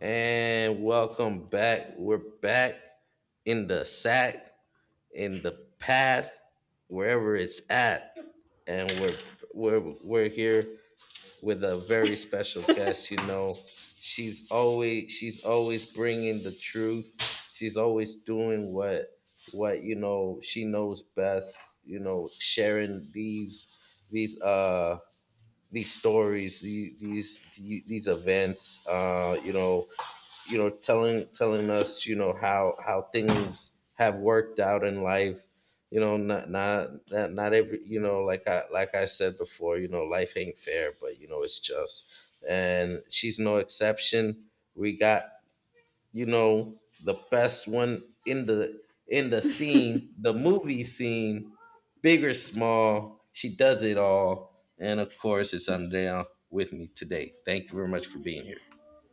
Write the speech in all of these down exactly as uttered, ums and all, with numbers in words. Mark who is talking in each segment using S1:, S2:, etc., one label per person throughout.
S1: And welcome back. We're back in the sack, in the pad, wherever it's at. And we're we're we're here with a very special guest, you know. She's always she's always bringing the truth. She's always doing what what you know she knows best, you know, sharing these these uh these stories, the- these these events, uh, you know, you know, telling telling us, you know, how how things have worked out in life. You know, not not not, not every you know, like I like I said before, you know, life ain't fair, but you know, it's just, and she's no exception. We got you know, the best one in the in the scene, the movie scene, big or small, she does it all. And of course, it's I down with me today. Thank you very much for being here.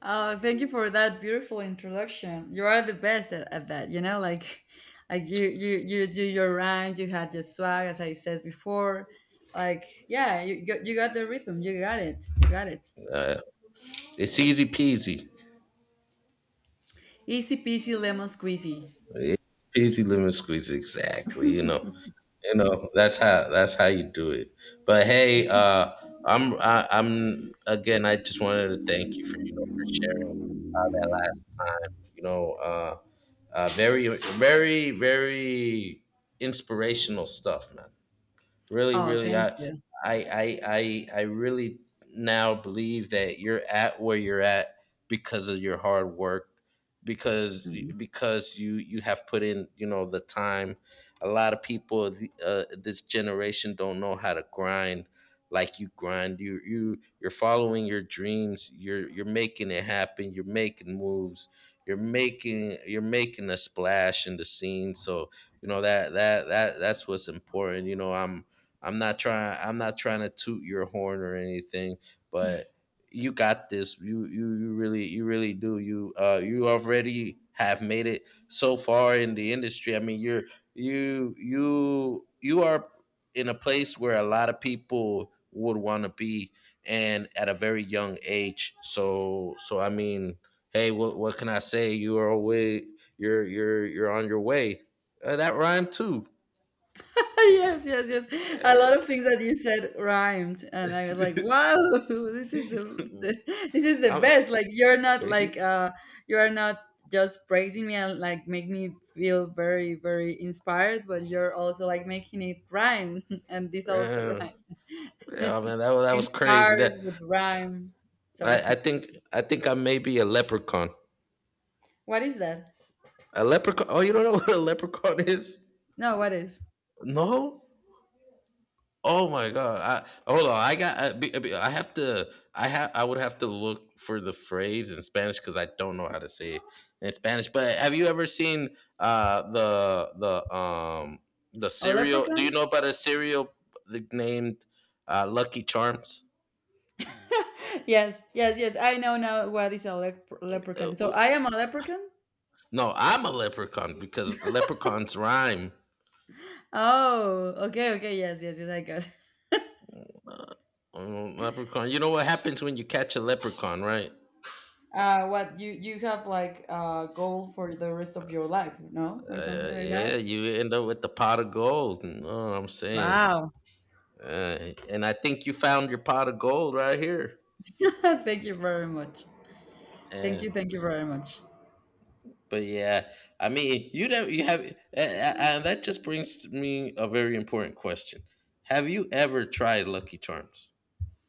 S2: Oh, thank you for that beautiful introduction. You are the best at, at that, you know, like like you you you do your rhyme, you had the swag as I said before. Like, yeah, you got you got the rhythm. You got it. You got it.
S1: Uh, it's easy peasy,
S2: Easy peasy lemon squeezy.
S1: it's easy lemon squeeze. Exactly, you know, you know that's how that's how you do it. But hey, uh, I'm I, I'm again. I just wanted to thank you for you know for sharing uh, that last time. You know, uh, Uh, very, very, very inspirational stuff, man. Really,
S2: Oh,
S1: really, I,
S2: thank you.
S1: I, I, I, I really now believe that you're at where you're at because of your hard work, because
S2: Mm.
S1: because you you have put in you know the time. A lot of people of the- uh, this generation don't know how to grind like you grind. You you you're following your dreams. You're you're making it happen. You're making moves. You're making you're making a splash in the scene. So you know that that that that's what's important. You know I'm I'm not trying I'm not trying to toot your horn or anything, but you got this. You you you really you really do. You uh you already have made it so far in the industry. I mean, you're you you you are in a place where a lot of people would want to be and at a very young age. So so I mean, hey, what what can I say? You are away you're you're you're on your way. Uh, that rhymed too.
S2: Yes, yes, yes. A lot of things that you said rhymed, and I was like, "Wow, this is the, the this is the
S1: I'm-
S2: best." Like you're not like uh you are not just praising me and like make me feel very very inspired, but you're also like making it rhyme, and this also
S1: Yeah,
S2: rhyme.
S1: yeah, man, that was that was crazy.
S2: Inspired
S1: That
S2: with rhyme.
S1: I,
S2: Sorry,
S1: I think I think I may be a leprechaun.
S2: what is that?
S1: A leprechaun? Oh, you don't know what a leprechaun is?
S2: No, what is
S1: No? Oh my god! I hold on. I got. I, be- I be- I have to. I have. I would have to look for the phrase in Spanish because I don't know how to say it in Spanish. But have you ever seen uh the the um the
S2: a
S1: cereal? Do you
S2: leprechaun?
S1: know about a cereal named uh, Lucky Charms?
S2: Yes, yes, yes. I know now what is a lep- leprechaun. So
S1: Uh,
S2: I am a leprechaun.
S1: No, I'm a leprechaun because leprechauns rhyme.
S2: Oh, okay, okay, yes, yes, yes, I got it.
S1: Um, leprechaun. You know what happens when you catch a leprechaun, right?
S2: Uh, what you you have like a goal for the rest of your life, no, or
S1: Uh,
S2: something like that?
S1: yeah, you end up with the pot of gold. You know what I'm saying?
S2: Wow.
S1: Uh, and I think you found your pot of gold right here.
S2: Thank you very much. Thank you,
S1: And
S2: thank you very much.
S1: but Yeah, I mean, you don't you have, and that just brings to me a very important question. Have you ever tried Lucky Charms?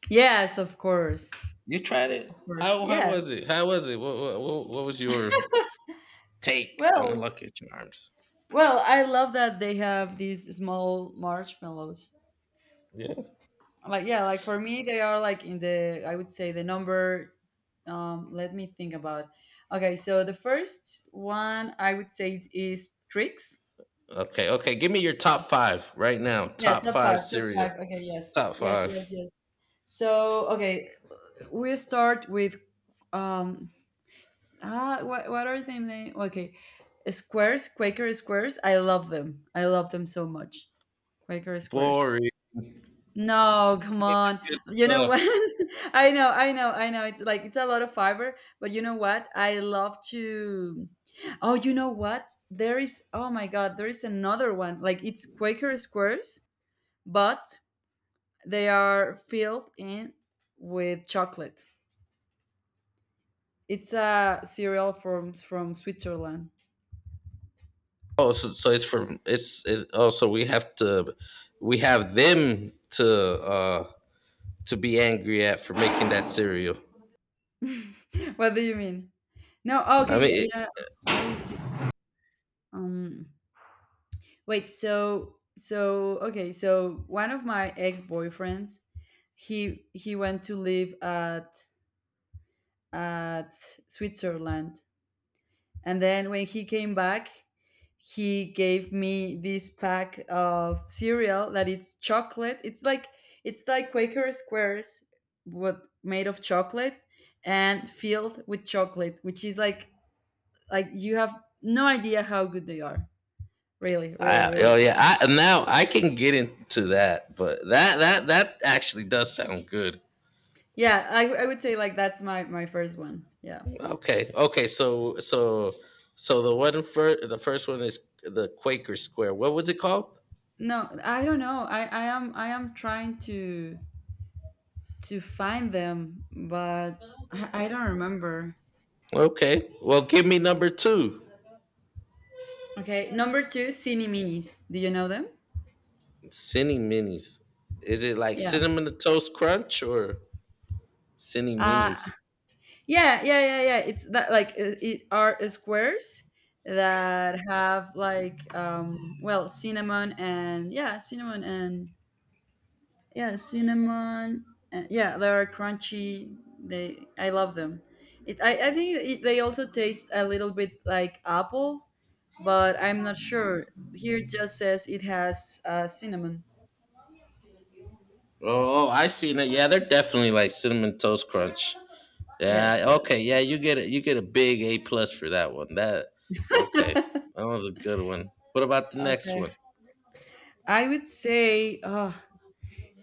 S2: Yes, of course,
S1: You tried it.
S2: of course.
S1: How how
S2: Yes.
S1: was it? How was it? What what, what was your take on the
S2: Well,
S1: Lucky Charms?
S2: well, I love that they have these small marshmallows.
S1: Yeah.
S2: Like yeah, like for me, they are like in the I would say the number. Um, let me think about. Okay, so the first one I would say is tricks.
S1: Okay. Okay. Give me your top five right now.
S2: Yeah,
S1: Top
S2: top
S1: five
S2: five, top
S1: cereal.
S2: five. Okay, yes,
S1: Top
S2: yes,
S1: five.
S2: yes, yes. So, okay, we start with um ah what what are they name? Okay, squares, Quaker squares. I love them. I love them so much. Quaker squares.
S1: Boring.
S2: No, come
S1: Give me
S2: on.
S1: the good
S2: You know
S1: stuff.
S2: what? I know, I know, I know. It's like it's a lot of fiber, but you know what? I love to. Oh, you know what? There is. Oh my God, there is another one. Like it's Quaker squares, but they are filled in with chocolate. It's a cereal from from Switzerland.
S1: Oh, so, so it's from it's it. Oh, so we have to, we have them to uh to be angry at for making that cereal.
S2: What do you mean? No, oh,
S1: I
S2: okay,
S1: mean,
S2: yeah,
S1: it,
S2: yeah. What is it? Um, wait. So, so okay. So one of my ex boyfriends, he he went to live at at Switzerland, and then when he came back, he gave me this pack of cereal that it's chocolate. It's like it's like Quaker squares, but made of chocolate and filled with chocolate, which is like like you have no idea how good they are. Really, really,
S1: I, oh
S2: really. uh,
S1: yeah. I now I can get into that, but that that that actually does sound good.
S2: Yeah, I, I would say like that's my my first one. Yeah.
S1: Okay. Okay. So so so the one for the first one is the Quaker Square. What was it called?
S2: No, I don't know. I I am I am trying to to find them, but I, I don't remember.
S1: Okay. Well, give me number two.
S2: Okay, number two, Cine Minis. Do you know them?
S1: Cine minis. Is it like
S2: Yeah.
S1: cinnamon toast crunch or cine
S2: Uh,
S1: minis?
S2: yeah, yeah, yeah, yeah. It's that like uh, it are squares that have like um well cinnamon and yeah cinnamon and yeah cinnamon and, yeah they are crunchy. They I love them. It I I think it, they also taste a little bit like apple, but I'm not sure. Here it just says it has uh, cinnamon.
S1: Oh, oh, I seen it. Yeah, they're definitely like cinnamon toast crunch.
S2: Yes,
S1: Yeah.
S2: yes.
S1: Okay. Yeah, you get a you get a big A plus for that one. That Okay. That was a good one. What about the next
S2: Okay.
S1: one?
S2: I would say, oh,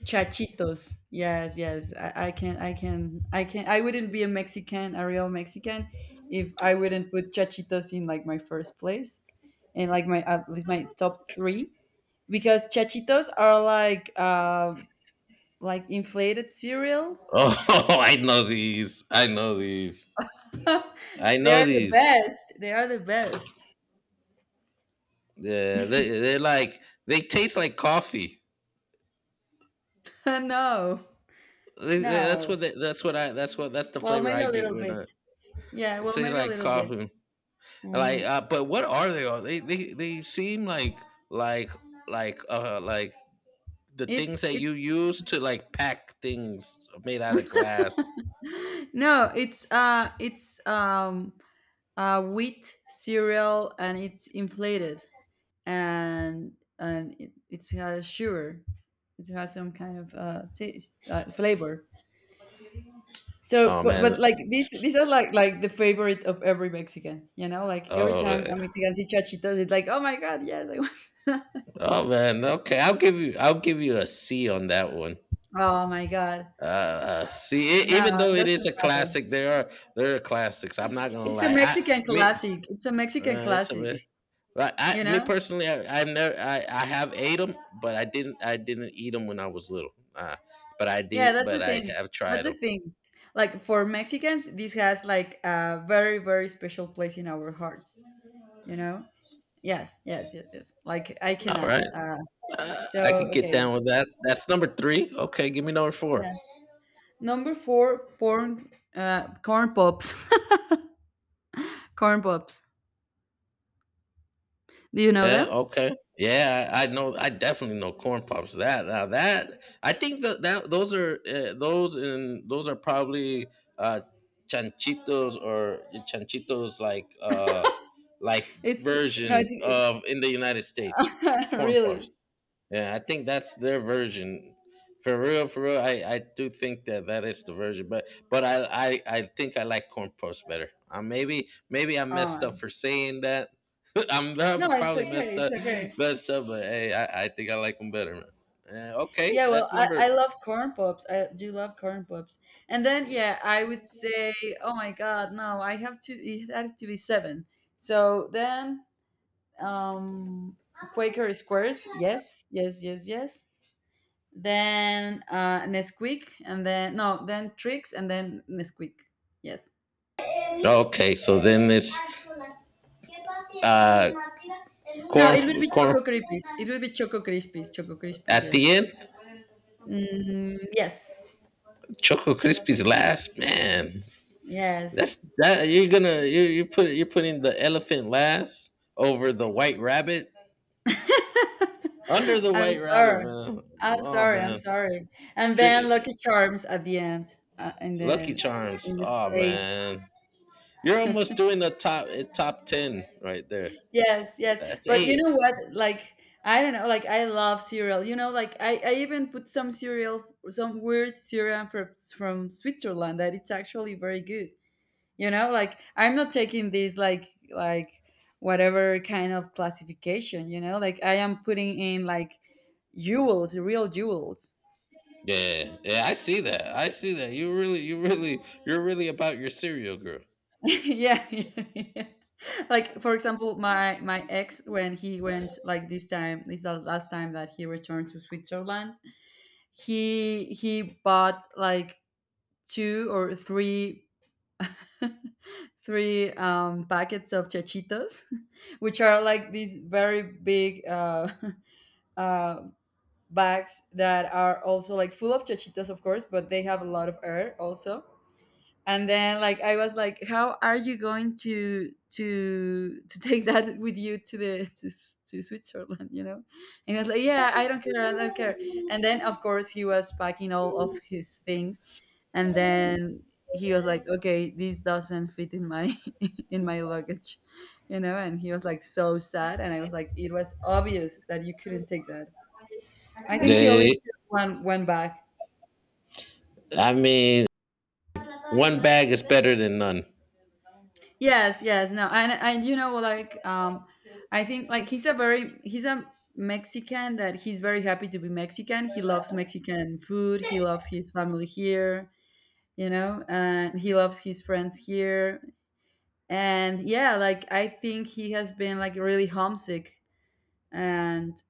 S2: chachitos. Yes, yes. I, I can, I can, I can. I wouldn't be a Mexican, a real Mexican, if I wouldn't put chachitos in like my first place, and like my at least my top three, because chachitos are like, uh, like inflated cereal.
S1: Oh, I know these. I know these. I
S2: They
S1: know
S2: are the
S1: these.
S2: best. They are the best.
S1: Yeah, they they're like they taste like coffee.
S2: No,
S1: They- they- that's
S2: no.
S1: what they, that's what I that's what That's the
S2: Well,
S1: flavor
S2: maybe
S1: I
S2: a
S1: get
S2: little
S1: when I
S2: bit. Yeah.
S1: it
S2: Well,
S1: tastes
S2: maybe a
S1: like
S2: little bit.
S1: coffee.
S2: Hmm.
S1: Like, uh, but what are they? All? They they they seem like like like uh like the things
S2: It's
S1: that you
S2: it's
S1: use to like pack things made out of glass.
S2: No, it's uh it's um uh wheat cereal and it's inflated, and and it, it has sugar. It has some kind of uh, taste, uh flavor. So
S1: Oh
S2: but,
S1: man.
S2: but like these these are like like the favorite of every Mexican, you know? Like every
S1: Oh
S2: time
S1: man.
S2: a Mexican sees chachitos, it's like, "Oh my god, yes, I want."
S1: Oh man. Okay, I'll give you I'll give you a C on that one.
S2: Oh my god.
S1: Uh, uh see, e- even
S2: No,
S1: though
S2: it
S1: it is a
S2: doesn't matter.
S1: classic, there are there are classics. I'm not gonna
S2: It's a
S1: lie. I
S2: Mexican
S1: me.
S2: classic. It's a Mexican
S1: Uh, it's
S2: classic,
S1: a But I,
S2: you
S1: me
S2: know?
S1: personally, I, I've never, I, I have ate them, but I didn't, I didn't eat them when I was little. Uh, but I
S2: Yeah,
S1: did,
S2: that's
S1: but
S2: the
S1: I
S2: thing.
S1: have tried
S2: That's
S1: them.
S2: the thing. Like for Mexicans, this has like a very, very special place in our hearts, you know? Yes, yes, yes, yes. Like I
S1: All
S2: cannot.
S1: right,
S2: Uh,
S1: uh,
S2: so
S1: I could get
S2: okay,
S1: down with that. That's number three. Okay, give me number four.
S2: yeah. Number four, porn, uh, corn pops, corn pops. Do you know
S1: Yeah.
S2: them?
S1: Okay. Yeah, I, I know. I definitely know corn pops. That Now that I think that that those are uh, those and those are probably uh chanchitos or chanchitos like uh like
S2: It's no,
S1: version
S2: it's,
S1: of in the United States
S2: it's
S1: corn puffs.
S2: really.
S1: Yeah, I think that's their version. For real, for real, I, I do think that that is the version, but but I I, I think I like corn puffs better. Uh, maybe maybe I messed up
S2: Oh
S1: for saying that. I'm I
S2: no, it's
S1: probably
S2: okay.
S1: messed
S2: It's
S1: up
S2: okay.
S1: messed up, but hey, I, I think I like them better, man. Uh, okay,
S2: Yeah, well,
S1: that's
S2: I,
S1: number.
S2: I love corn pops. I do love corn pops. And then, yeah, I would say, oh my God, no, I have to, it had to be seven. So then, um, Quaker Squares, yes, yes, yes, yes. Then uh, Nesquik, and then, no, then Trix, and then Nesquik. Yes.
S1: Okay, so then it's uh
S2: No,
S1: corn
S2: it would be
S1: corn
S2: Choco Krispies. It would be Choco Krispies. Choco Krispies,
S1: at the
S2: yes.
S1: end.
S2: Mm, yes.
S1: Choco Crispy's last man.
S2: Yes.
S1: That's that You're gonna you you put you're putting the elephant last over the white rabbit under the
S2: I'm
S1: white rabbit,
S2: sorry.
S1: man.
S2: I'm
S1: Oh
S2: sorry. I'm
S1: man,
S2: sorry. And
S1: drink,
S2: then Lucky Charms at the end, uh, in
S1: Lucky
S2: the
S1: Charms.
S2: in the
S1: Oh
S2: States.
S1: man, you're almost doing the top eh, top ten right there.
S2: Yes, yes.
S1: That's
S2: But you
S1: eight.
S2: know what? Like I don't know. Like I love cereal. You know, like I, I even put some cereal, some weird cereal from from Switzerland that it's actually very good. You know, like I'm not taking this like like whatever kind of classification. You know, like I am putting in like jewels, real jewels.
S1: Yeah, yeah, I see that. I see that. You really, you really, you're really about your cereal girl.
S2: Yeah, yeah, yeah. Like for example, my my ex when he went like this time, this is the last time that he returned to Switzerland, he he bought like two or three three um packets of chachitos, which are like these very big uh uh bags that are also like full of chachitos of course, but they have a lot of air also. And then like I was like how are you going to to to take that with you to the to, S- to Switzerland, you know? And he was like yeah I don't care, I don't care. And then of course he was packing all of his things, and then he was like okay this doesn't fit in my in my luggage, you know? And he was like so sad, and I was like it was obvious that you couldn't take that. I
S1: Yeah,
S2: think he only
S1: yeah,
S2: took one one bag.
S1: yeah. I mean, one bag is better than none.
S2: Yes, yes, no, and and you know, like, um, I think like he's a very he's a Mexican that he's very happy to be Mexican. He loves Mexican food. He loves his family here, you know, and he loves his friends here. And yeah, like I think he has been like really homesick, and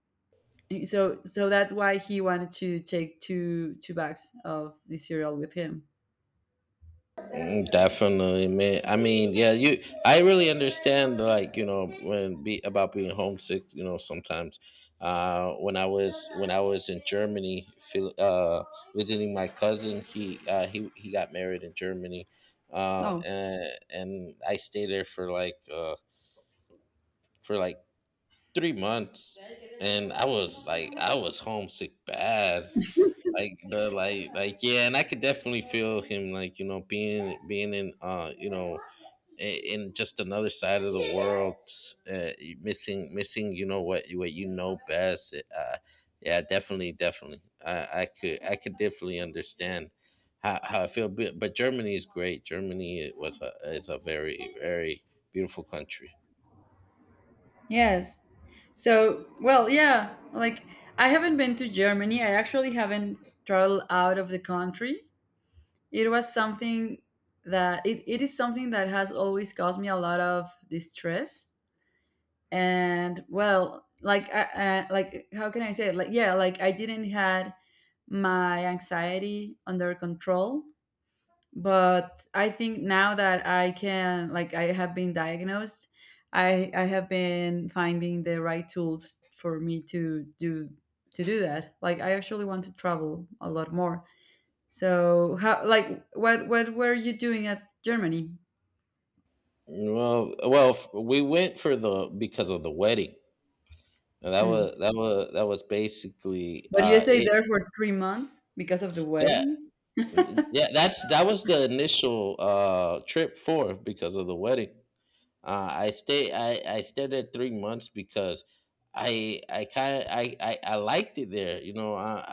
S2: so so that's why he wanted to take two two bags of the cereal with him.
S1: Mm, definitely, man. I mean, yeah, you. I really understand, like you know, when be about being homesick. You know, sometimes, uh, when I was when I was in Germany, feel- uh, visiting my cousin, he uh, he he got married in Germany, uh,
S2: Oh
S1: and and I stayed there for like uh for like three months, and I was like I was homesick bad like the like like yeah, and I could definitely feel him like you know being being in uh you know i- in just another side of the world, uh, missing missing you know what what you know best. Uh, yeah, definitely, definitely. I, I could I could definitely understand how, how I feel, but, but Germany is great. Germany was a is a very very beautiful country.
S2: yes, so, well, yeah, like I haven't been to Germany. I actually haven't traveled out of the country. It was something that it, it is something that has always caused me a lot of distress. And well, like I, uh, like how can I say it? Like yeah, like I didn't had my anxiety under control, but I think now that I can like I have been diagnosed, i i have been finding the right tools for me to do to do that. Like I actually want to travel a lot more. So how, like what what were you doing at Germany?
S1: Well, well, we went for the because of the wedding. And that
S2: Mm.
S1: was that was that was basically
S2: But you
S1: uh
S2: say
S1: it.
S2: there for three months because of the
S1: Yeah,
S2: wedding?
S1: mm, yeah. That's that was the initial uh trip for because of the wedding. Uh, I stay. I I stayed there three months because I I kind I, I I liked it there. You know, I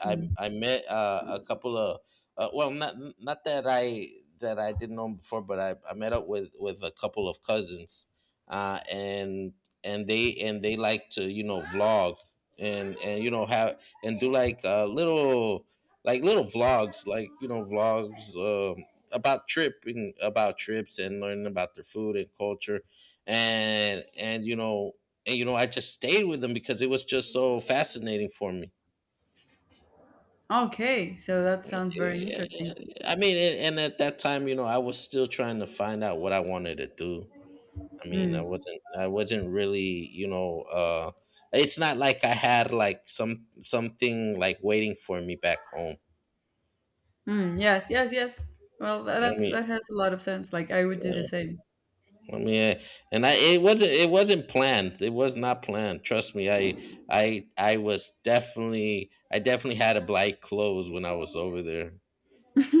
S1: I
S2: Mm.
S1: I, I met uh, a couple of uh, well, not not that I that I didn't know before, but I, I met up with with a couple of cousins, uh, and and they and they like to you know vlog and and you know have and do like uh, little like little vlogs like you know vlogs uh, about tripping about trips and learning about their food and culture and and you know and you know I just stayed with them because it was just so fascinating for me.
S2: Okay, so that
S1: Yeah,
S2: sounds very
S1: yeah,
S2: interesting.
S1: yeah. I mean, and, and at that time you know I was still trying to find out what I wanted to do. I mean i
S2: Mm.
S1: wasn't I wasn't really you know uh it's not like I had like some something like waiting for me back home.
S2: Mm. Yes, yes, yes. Well, tha-
S1: I
S2: that's
S1: mean,
S2: that has a lot of sense. Like I would do the same.
S1: I mean, eh, and I it wasn't it wasn't planned. It was not planned. Trust me, I I I was definitely I definitely had a black clothes when I was over there.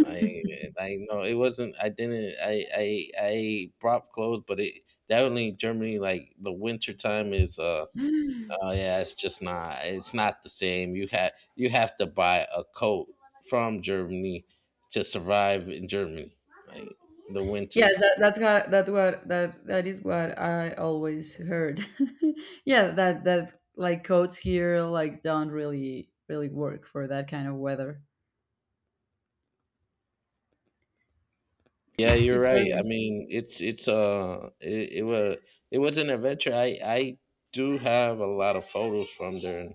S1: I I know it wasn't. I didn't. I I I brought clothes, but it definitely Germany like the winter time is. Uh oh yeah, it's just not. It's not the same. You have you have to buy a coat from Germany to survive in Germany. Like the winter.
S2: Yes, that, that's what that, what that that is what I always heard. Yeah, that that like coats here like don't really really work for that kind of weather.
S1: Yeah, you're
S2: It's
S1: right. I
S2: very
S1: mean, it's it's uh it, it was it was an adventure. I I do have a lot of photos from there, and,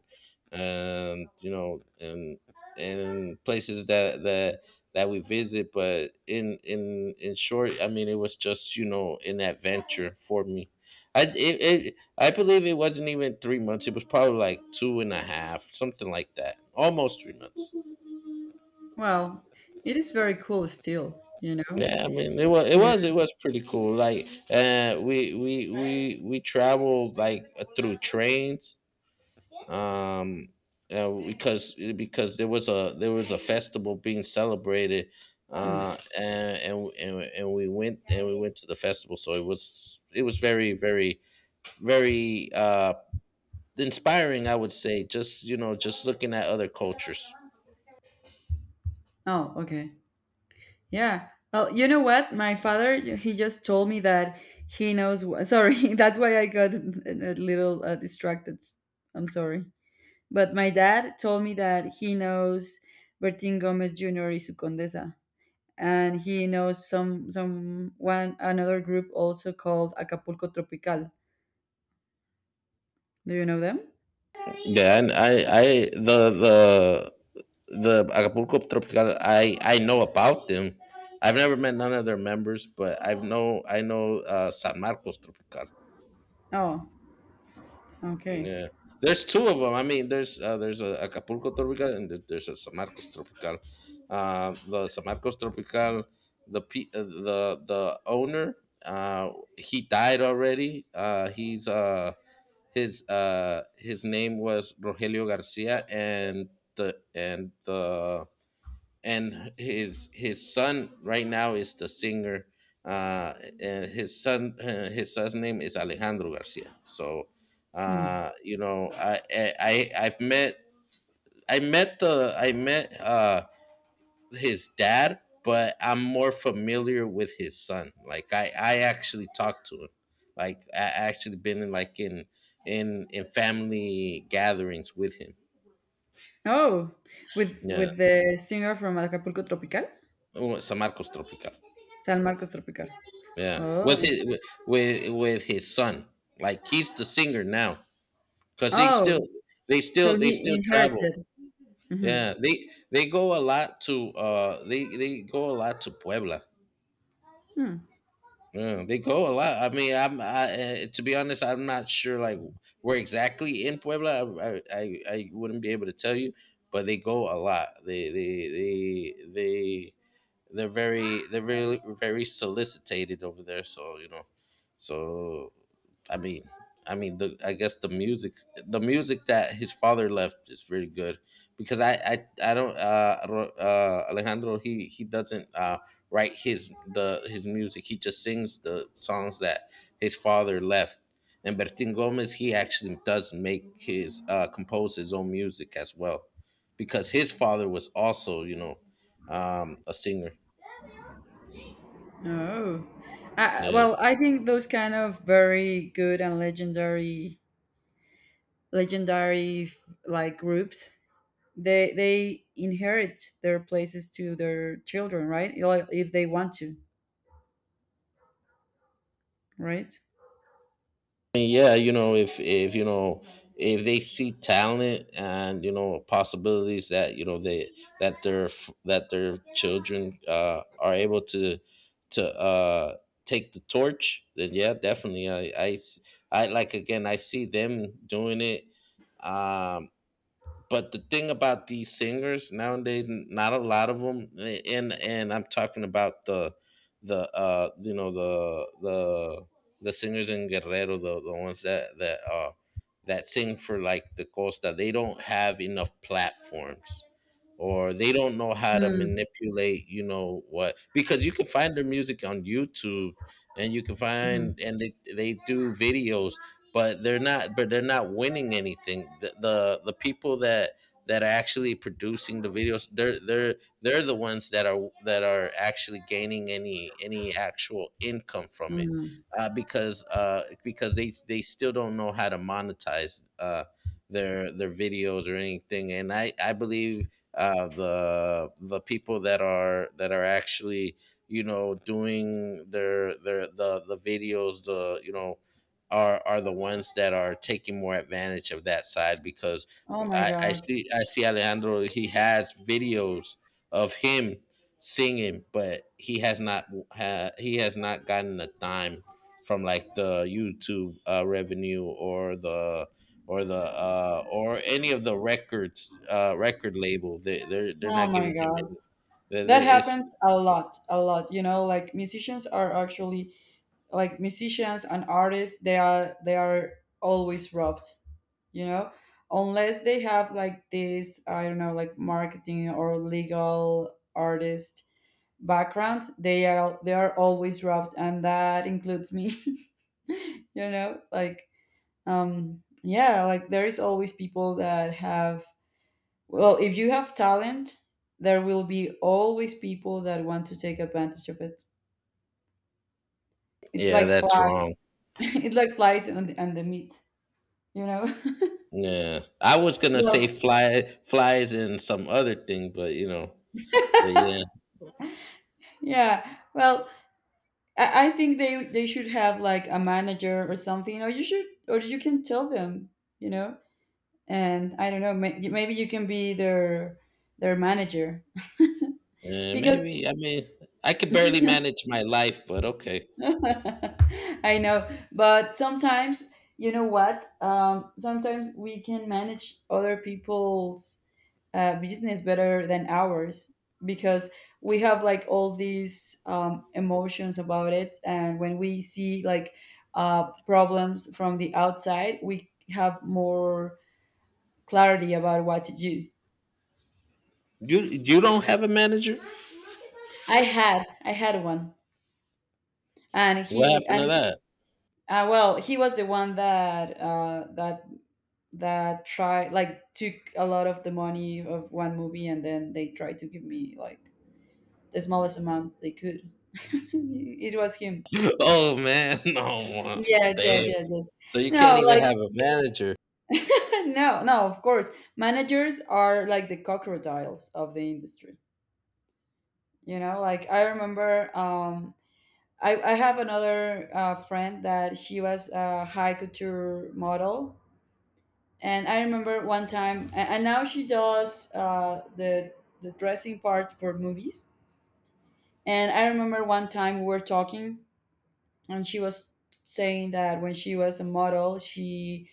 S1: and you know, and and places that that that we visit, but in in in short, I mean, it was just, you know, an adventure for me. I it, it I believe it wasn't even three months. It was probably like two and a half, something like that. Almost three months.
S2: Well, it is very cool still, you know,
S1: Yeah, I mean it was it
S2: to.
S1: was it was pretty cool. Like uh we we we we traveled like uh, through trains um uh, because because there was a there was a festival being celebrated
S2: Hmm.
S1: uh and and and, and we went and we went to the festival, so it was it was very, very, very uh inspiring, I would say, just you know just looking at other cultures.
S2: Oh, okay, yeah. Well, you know what, my father he just told me that he knows wh- sorry, that's why I got a little uh, distracted. I'm sorry. But my dad told me that he knows Bertin Gomez Junior is su Condesa, and he knows some some one another group also called Acapulco Tropical. Do you know them?
S1: Yeah, and I, I, the, the Acapulco Tropical, I I know about them. I've never met none of their members, but I've know I know uh, San Marcos Tropical.
S2: Oh, okay.
S1: Yeah, there's two of them. I mean, there's uh, there's a Acapulco Tropical and there- there's a San Marcos Tropical. Uh, the San Marcos Tropical, the pe- uh, the the owner, uh, he died already. Uh, he's uh his uh his name was Rogelio Garcia, and the and the and his his son right now is the singer. Uh, and his son, uh, his son's name is Alejandro Garcia. So,
S2: Hmm.
S1: uh, you know, I, I I- I've met I met the I met uh his dad, but I'm more familiar with his son. Like I I actually talked to him. Like I I actually been in, like, in in in family gatherings with him.
S2: Oh, with
S1: Yeah.
S2: with the singer from Acapulco Tropical,
S1: Oh, San Marcos Tropical.
S2: San Marcos Tropical.
S1: Yeah, with
S2: Oh,
S1: his with with with his son. Like he's the singer now, cause they still
S2: oh,
S1: they still
S2: so
S1: they
S2: he
S1: still travel.
S2: inherited. Hmm.
S1: Yeah, they they go a lot to uh they they go a lot to Puebla.
S2: Hmm.
S1: Yeah, they go a lot. I mean, I'm I, uh, to be honest, I'm not sure like where exactly in Puebla. I, I I I wouldn't be able to tell you, but they go a lot. They they they they they're very they're really very solicited over there, so you know. So i mean i mean the i guess the music, the music that his father left, is really good, because i i, I don't, uh, I uh Alejandro, he he doesn't uh write his the his music, he just sings the songs that his father left. And Bertin Gomez, he actually does make his uh compose his own music as well, because his father was also, you know, um a singer.
S2: Oh, uh,
S1: Yeah,
S2: well, I think those kind of very good and legendary legendary f- like groups they they inherit their places to their children, right? Like, if they want to, right.
S1: I, yeah, you know, if if you know, if they see talent and you know possibilities that you know they that their f- that their children uh, are able to to uh, take the torch, then yeah, definitely. I, I s- I- like again, I see them doing it. Um, But the thing about these singers nowadays, not a lot of them, and and I'm talking about the the uh you know the the the singers in Guerrero, the, the ones that that uh that sing for like the Costa, they don't have enough platforms, or they don't know how to
S2: Mm,
S1: manipulate, you know what? Because you can find their music on YouTube, and you can
S2: mhm,
S1: find, and they they do videos, but they're not, but they're not winning anything. The the, the people that that are actually producing the videos, they're they're they're the ones that are that are actually gaining any any actual income from it,
S2: mhm.
S1: uh, because uh, because they they still don't know how to monetize, uh, their their videos or anything. And I I believe uh, the the people that are that are actually, you know, doing their their the the videos, the you know are are the ones that are taking more advantage of that side, because
S2: Oh my
S1: I, I
S2: god,
S1: see, I see Alejandro, he has videos of him singing, but he has not, ha, he has not gotten a dime from like the YouTube uh, revenue or the or the uh, or any of the records, uh, record label. they they're they're
S2: oh
S1: not
S2: my
S1: giving him
S2: god,
S1: any. They-
S2: that
S1: they- it's,
S2: happens a lot a lot, you know, like musicians are actually like musicians and artists, they are they are always robbed, you know, unless they have like, this, I don't know, like marketing or legal artist background, they are they are always robbed, and that includes me. You know, like um yeah, like there is always people that have, well, if you have talent, there will be always people that want to take advantage of it. It's
S1: yeah,
S2: like
S1: that's
S2: flies.
S1: wrong.
S2: It's like flies and, and the meat, you know.
S1: Yeah, I was gonna say
S2: Well,
S1: fly flies and some other thing, but you know, but yeah,
S2: yeah, well, I, I think they they should have like a manager or something, or you should, or you can tell them, you know. And I don't know, may- maybe you can be their their manager,
S1: uh,
S2: because
S1: maybe. I mean, I could barely manage my life, but okay.
S2: I know, but sometimes, you know what? Um, sometimes we can manage other people's uh, business better than ours, because we have like all these um, emotions about it, and when we see like uh, problems from the outside, we have more clarity about what to do.
S1: You you don't have a manager?
S2: I had I had one, and
S1: What
S2: he
S1: happened to
S2: and
S1: that?
S2: Uh, well, he was the one that uh, that that tried, like, took a lot of the money of one movie, and then they tried to give me like the smallest amount they could. It was him.
S1: Oh man, no,
S2: Yes,
S1: damn.
S2: yes, yes, yes.
S1: So you can't
S2: No,
S1: even
S2: like
S1: have a manager.
S2: no, no. Of course, managers are like the crocodiles of the industry. You know, like I remember. Um, I I have another uh, friend that she was a high couture model. And I remember one time, a- and now she does uh, the the dressing part for movies. And I remember one time we were talking, and she was saying that when she was a model, she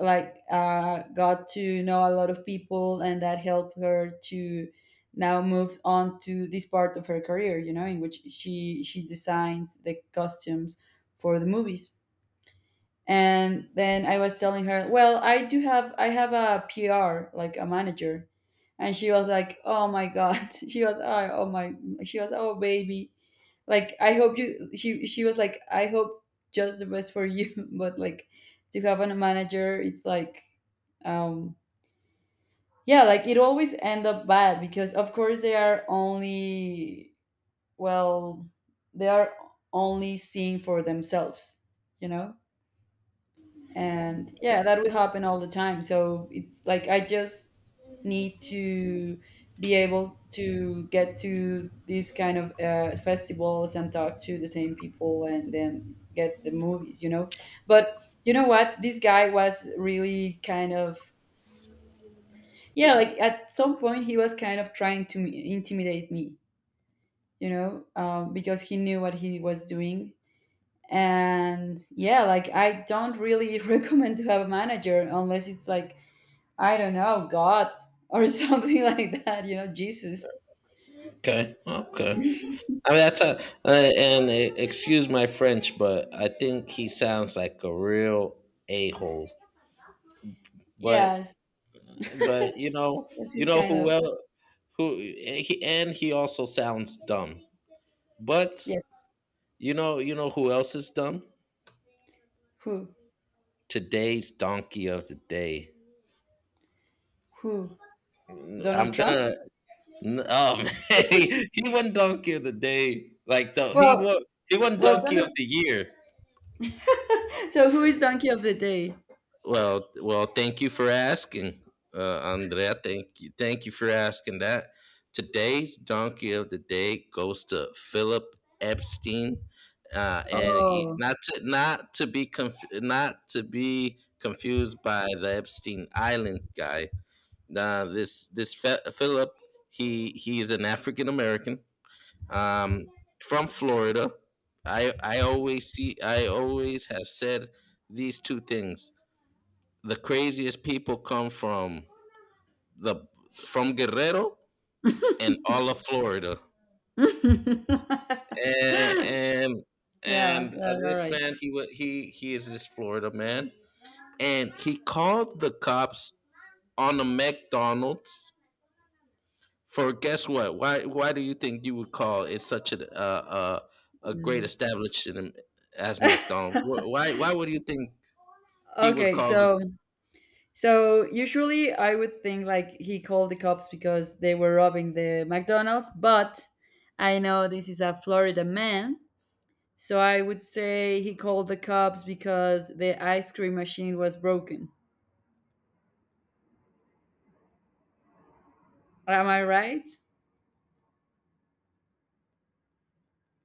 S2: like uh, got to know a lot of people, and that helped her to now move on to this part of her career. You know, in which she she designs the costumes for the movies. And then I was telling her, well, I do have, I have a P R, like a manager. And she was like, oh my god. She was, oh, oh my, she was, oh baby, like I hope you, she she was like, I hope just the best for you. But like, to have a manager, it's like um yeah, like it always end up bad, because of course they are only, well, they are only seeing for themselves, you know. And yeah, that will happen all the time. So it's like I just need to be able to get to these kind of uh, festivals and talk to the same people and then get the movies, you know. But you know what, this guy was really kind of, yeah, like at some point he was kind of trying to intimidate me, you know, um, because he knew what he was doing. And yeah, like I don't really recommend to have a manager, unless it's like, I don't know, God or something like that, you know, Jesus.
S1: Okay, okay. I mean, that's a, uh, and uh, excuse my French, but I think he sounds like a real a hole. But
S2: Yes.
S1: but you know,
S2: Yes,
S1: you
S2: he's
S1: know
S2: kind
S1: who
S2: of
S1: else who and he, and he also sounds dumb. But
S2: yes,
S1: you know, you know who else is dumb?
S2: who
S1: Today's donkey of the day.
S2: who?
S1: I'm
S2: Donald Trump?
S1: gonna. Oh man, he, he won donkey of the day. Like though he
S2: Well,
S1: won, he won
S2: well,
S1: donkey
S2: Donald,
S1: of the year.
S2: so who is donkey of the day?
S1: Well, well, thank you for asking, uh, Andrea. Thank you, thank you for asking that. Today's donkey of the day goes to Philip Epstein, uh, and he-
S2: Oh.
S1: not to not to be conf- not to be confused by the Epstein Island guy. Uh, this this Fe- Philip, he he is an African American, um, from Florida. I I always see I always have said these two things: the craziest people come from the from Guerrero, and all of Florida. And and,
S2: Yeah,
S1: and uh,
S2: yeah, you're
S1: this
S2: right.
S1: man, he wa- he he is this Florida man, and he called the cops on a McDonald's for, guess what? Why why do you think you would call it such a uh, uh, a great
S2: Mm.
S1: establishment as McDonald's? Wh- Why why would you think he would
S2: Okay,
S1: call the—
S2: so so usually I would think like he called the cops because they were robbing the McDonald's, but I know this is a Florida man. So I would say he called the cops because the ice cream machine was broken. Am I right?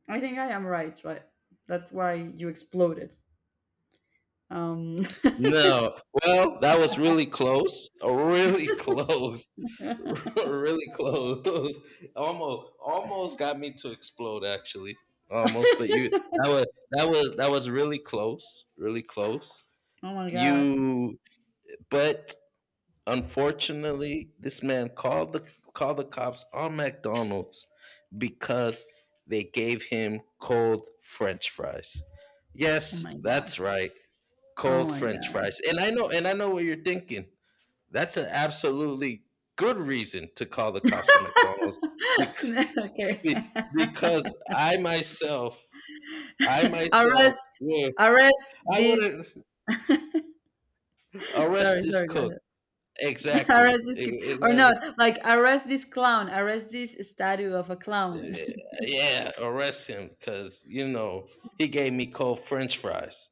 S2: I think I am right, right? That's why you exploded. Um
S1: No. Well, that was really close. Really close. Really close. Almost, almost got me to explode actually. Almost, but you, that was that was that was really close. Really close.
S2: Oh my god.
S1: You, but unfortunately, this man called the, called the cops on McDonald's because they gave him cold french fries.
S2: Oh
S1: Yes,
S2: my god.
S1: that's right,
S2: Oh
S1: cold
S2: my
S1: french
S2: god.
S1: fries. And I know, and i know what you're thinking, that's an absolutely good reason to call the cops at McDonald's because,
S2: Okay.
S1: because I myself, i myself
S2: Arrest,
S1: would,
S2: arrest
S1: I
S2: this
S1: wouldn't arrest
S2: sorry,
S1: this
S2: sorry, go
S1: cook.
S2: ahead.
S1: Exactly,
S2: Arrest this kid, or
S1: exactly.
S2: not, like arrest this clown, arrest this statue of a clown.
S1: Yeah, arrest him because you know he gave me cold french fries,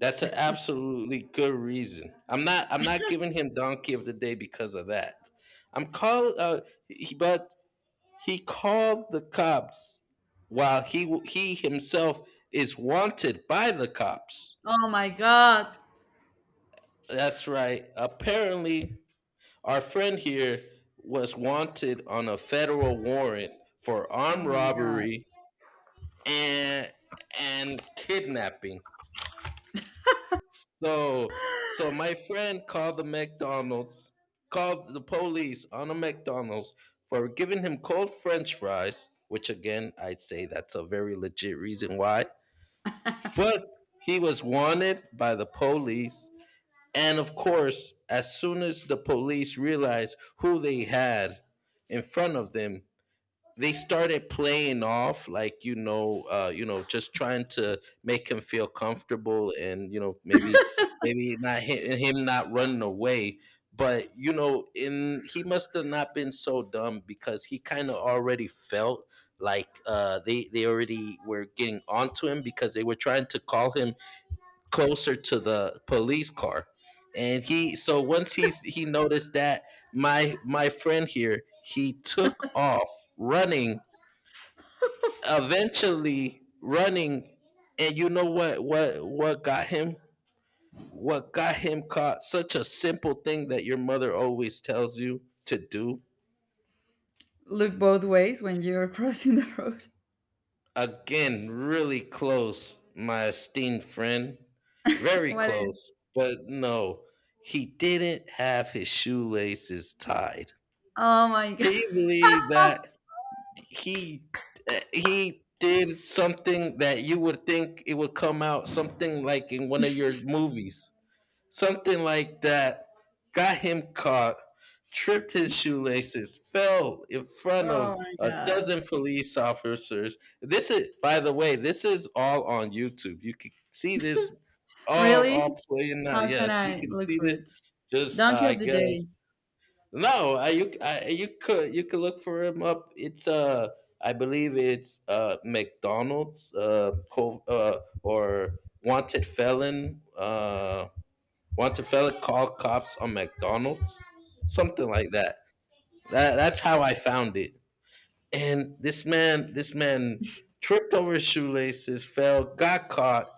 S1: that's an absolutely good reason. i'm not I'm not giving him donkey of the day because of that. I'm call uh he, but He called the cops while he he himself is wanted by the cops.
S2: Oh my god.
S1: That's right. Apparently, our friend here was wanted on a federal warrant for armed
S2: Oh my god.
S1: robbery and and kidnapping. So, so my friend called the McDonald's, called the police on a McDonald's for giving him cold French fries, which again, I'd say that's a very legit reason why. But he was wanted by the police. And of course, as soon as the police realized who they had in front of them, they started playing off like, you know, uh, you know, just trying to make him feel comfortable, and you know, maybe, maybe not him, him not running away. But you know, in, he must have not been so dumb, because he kind of already felt like, uh, they they already were getting onto him, because they were trying to call him closer to the police car, and he so once he he noticed that, my my friend here, he took off running, eventually running. And you know what, what what got him, what got him caught, such a simple thing that your mother always tells you to do.
S2: Look both ways when you're crossing the road.
S1: Again, really close, my esteemed friend, very
S2: What is?
S1: close, but no, he didn't have his shoelaces tied.
S2: Oh my god.
S1: Can you believe that he, uh, he did something that you would think it would come out something like in one of your movies, something like that, got him caught, tripped his shoelaces, fell in front
S2: Oh
S1: of
S2: my
S1: a
S2: god.
S1: dozen police officers. This is, by the way, this is all on YouTube. You can see this all
S2: Really?
S1: all playing out.
S2: How can
S1: Yes, you
S2: I
S1: can
S2: look
S1: see
S2: for
S1: this.
S2: it?
S1: Just uh,
S2: Donkey
S1: I
S2: of the
S1: guess,
S2: day.
S1: no, I, you I, you could, you could look for him up. It's uh I believe it's uh McDonald's, uh, co- uh or wanted felon, uh wanted felon call cops on McDonald's, something like that. That, that's how I found it. And this man, this man tripped over his shoelaces, fell, got caught,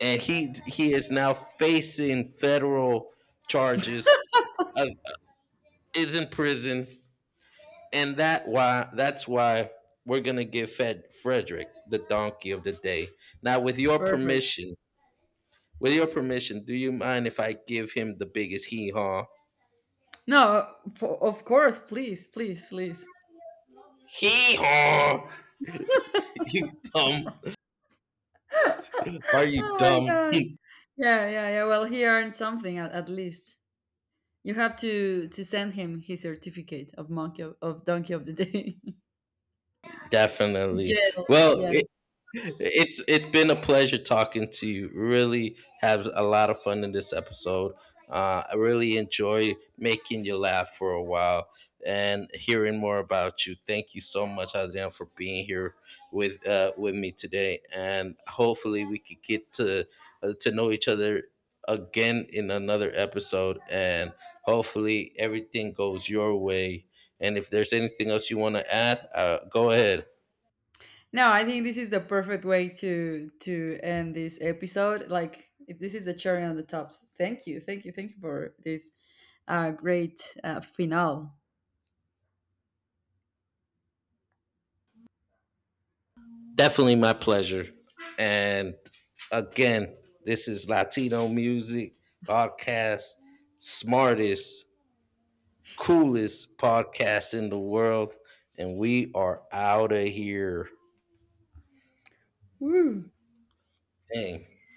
S1: and he he is now facing federal charges. Uh, is in prison, and that why that's why we're gonna give Fed Frederick the donkey of the day. Now, with your
S2: Perfect.
S1: permission, with your permission, do you mind if I give him the biggest hee haw?
S2: No, for, of course, please, please, please.
S1: Hee haw! You dumb? Are you
S2: Oh my
S1: dumb?
S2: god. Yeah, yeah, yeah. Well, he earned something at, at least. You have to to send him his certificate of monkey of, of donkey of the day.
S1: Definitely.
S2: Jail.
S1: Well,
S2: Yes.
S1: it, it's it's been a pleasure talking to you. Really have a lot of fun in this episode. Uh, I really enjoy making you laugh for a while and hearing more about you. Thank you so much, Adrian, for being here with, uh, with me today. And hopefully, we could get to uh, to know each other again in another episode. And hopefully, everything goes your way. And if there's anything else you want to add, uh, go ahead.
S2: No, I think this is the perfect way to to end this episode. Like it- this is the cherry on the tops. Thank you, thank you, thank you for this uh, great uh, finale.
S1: Definitely my pleasure. And again, this is Latino Music Podcast, smartest, coolest podcast in the world. And we are out of here.
S2: Woo.
S1: Dang.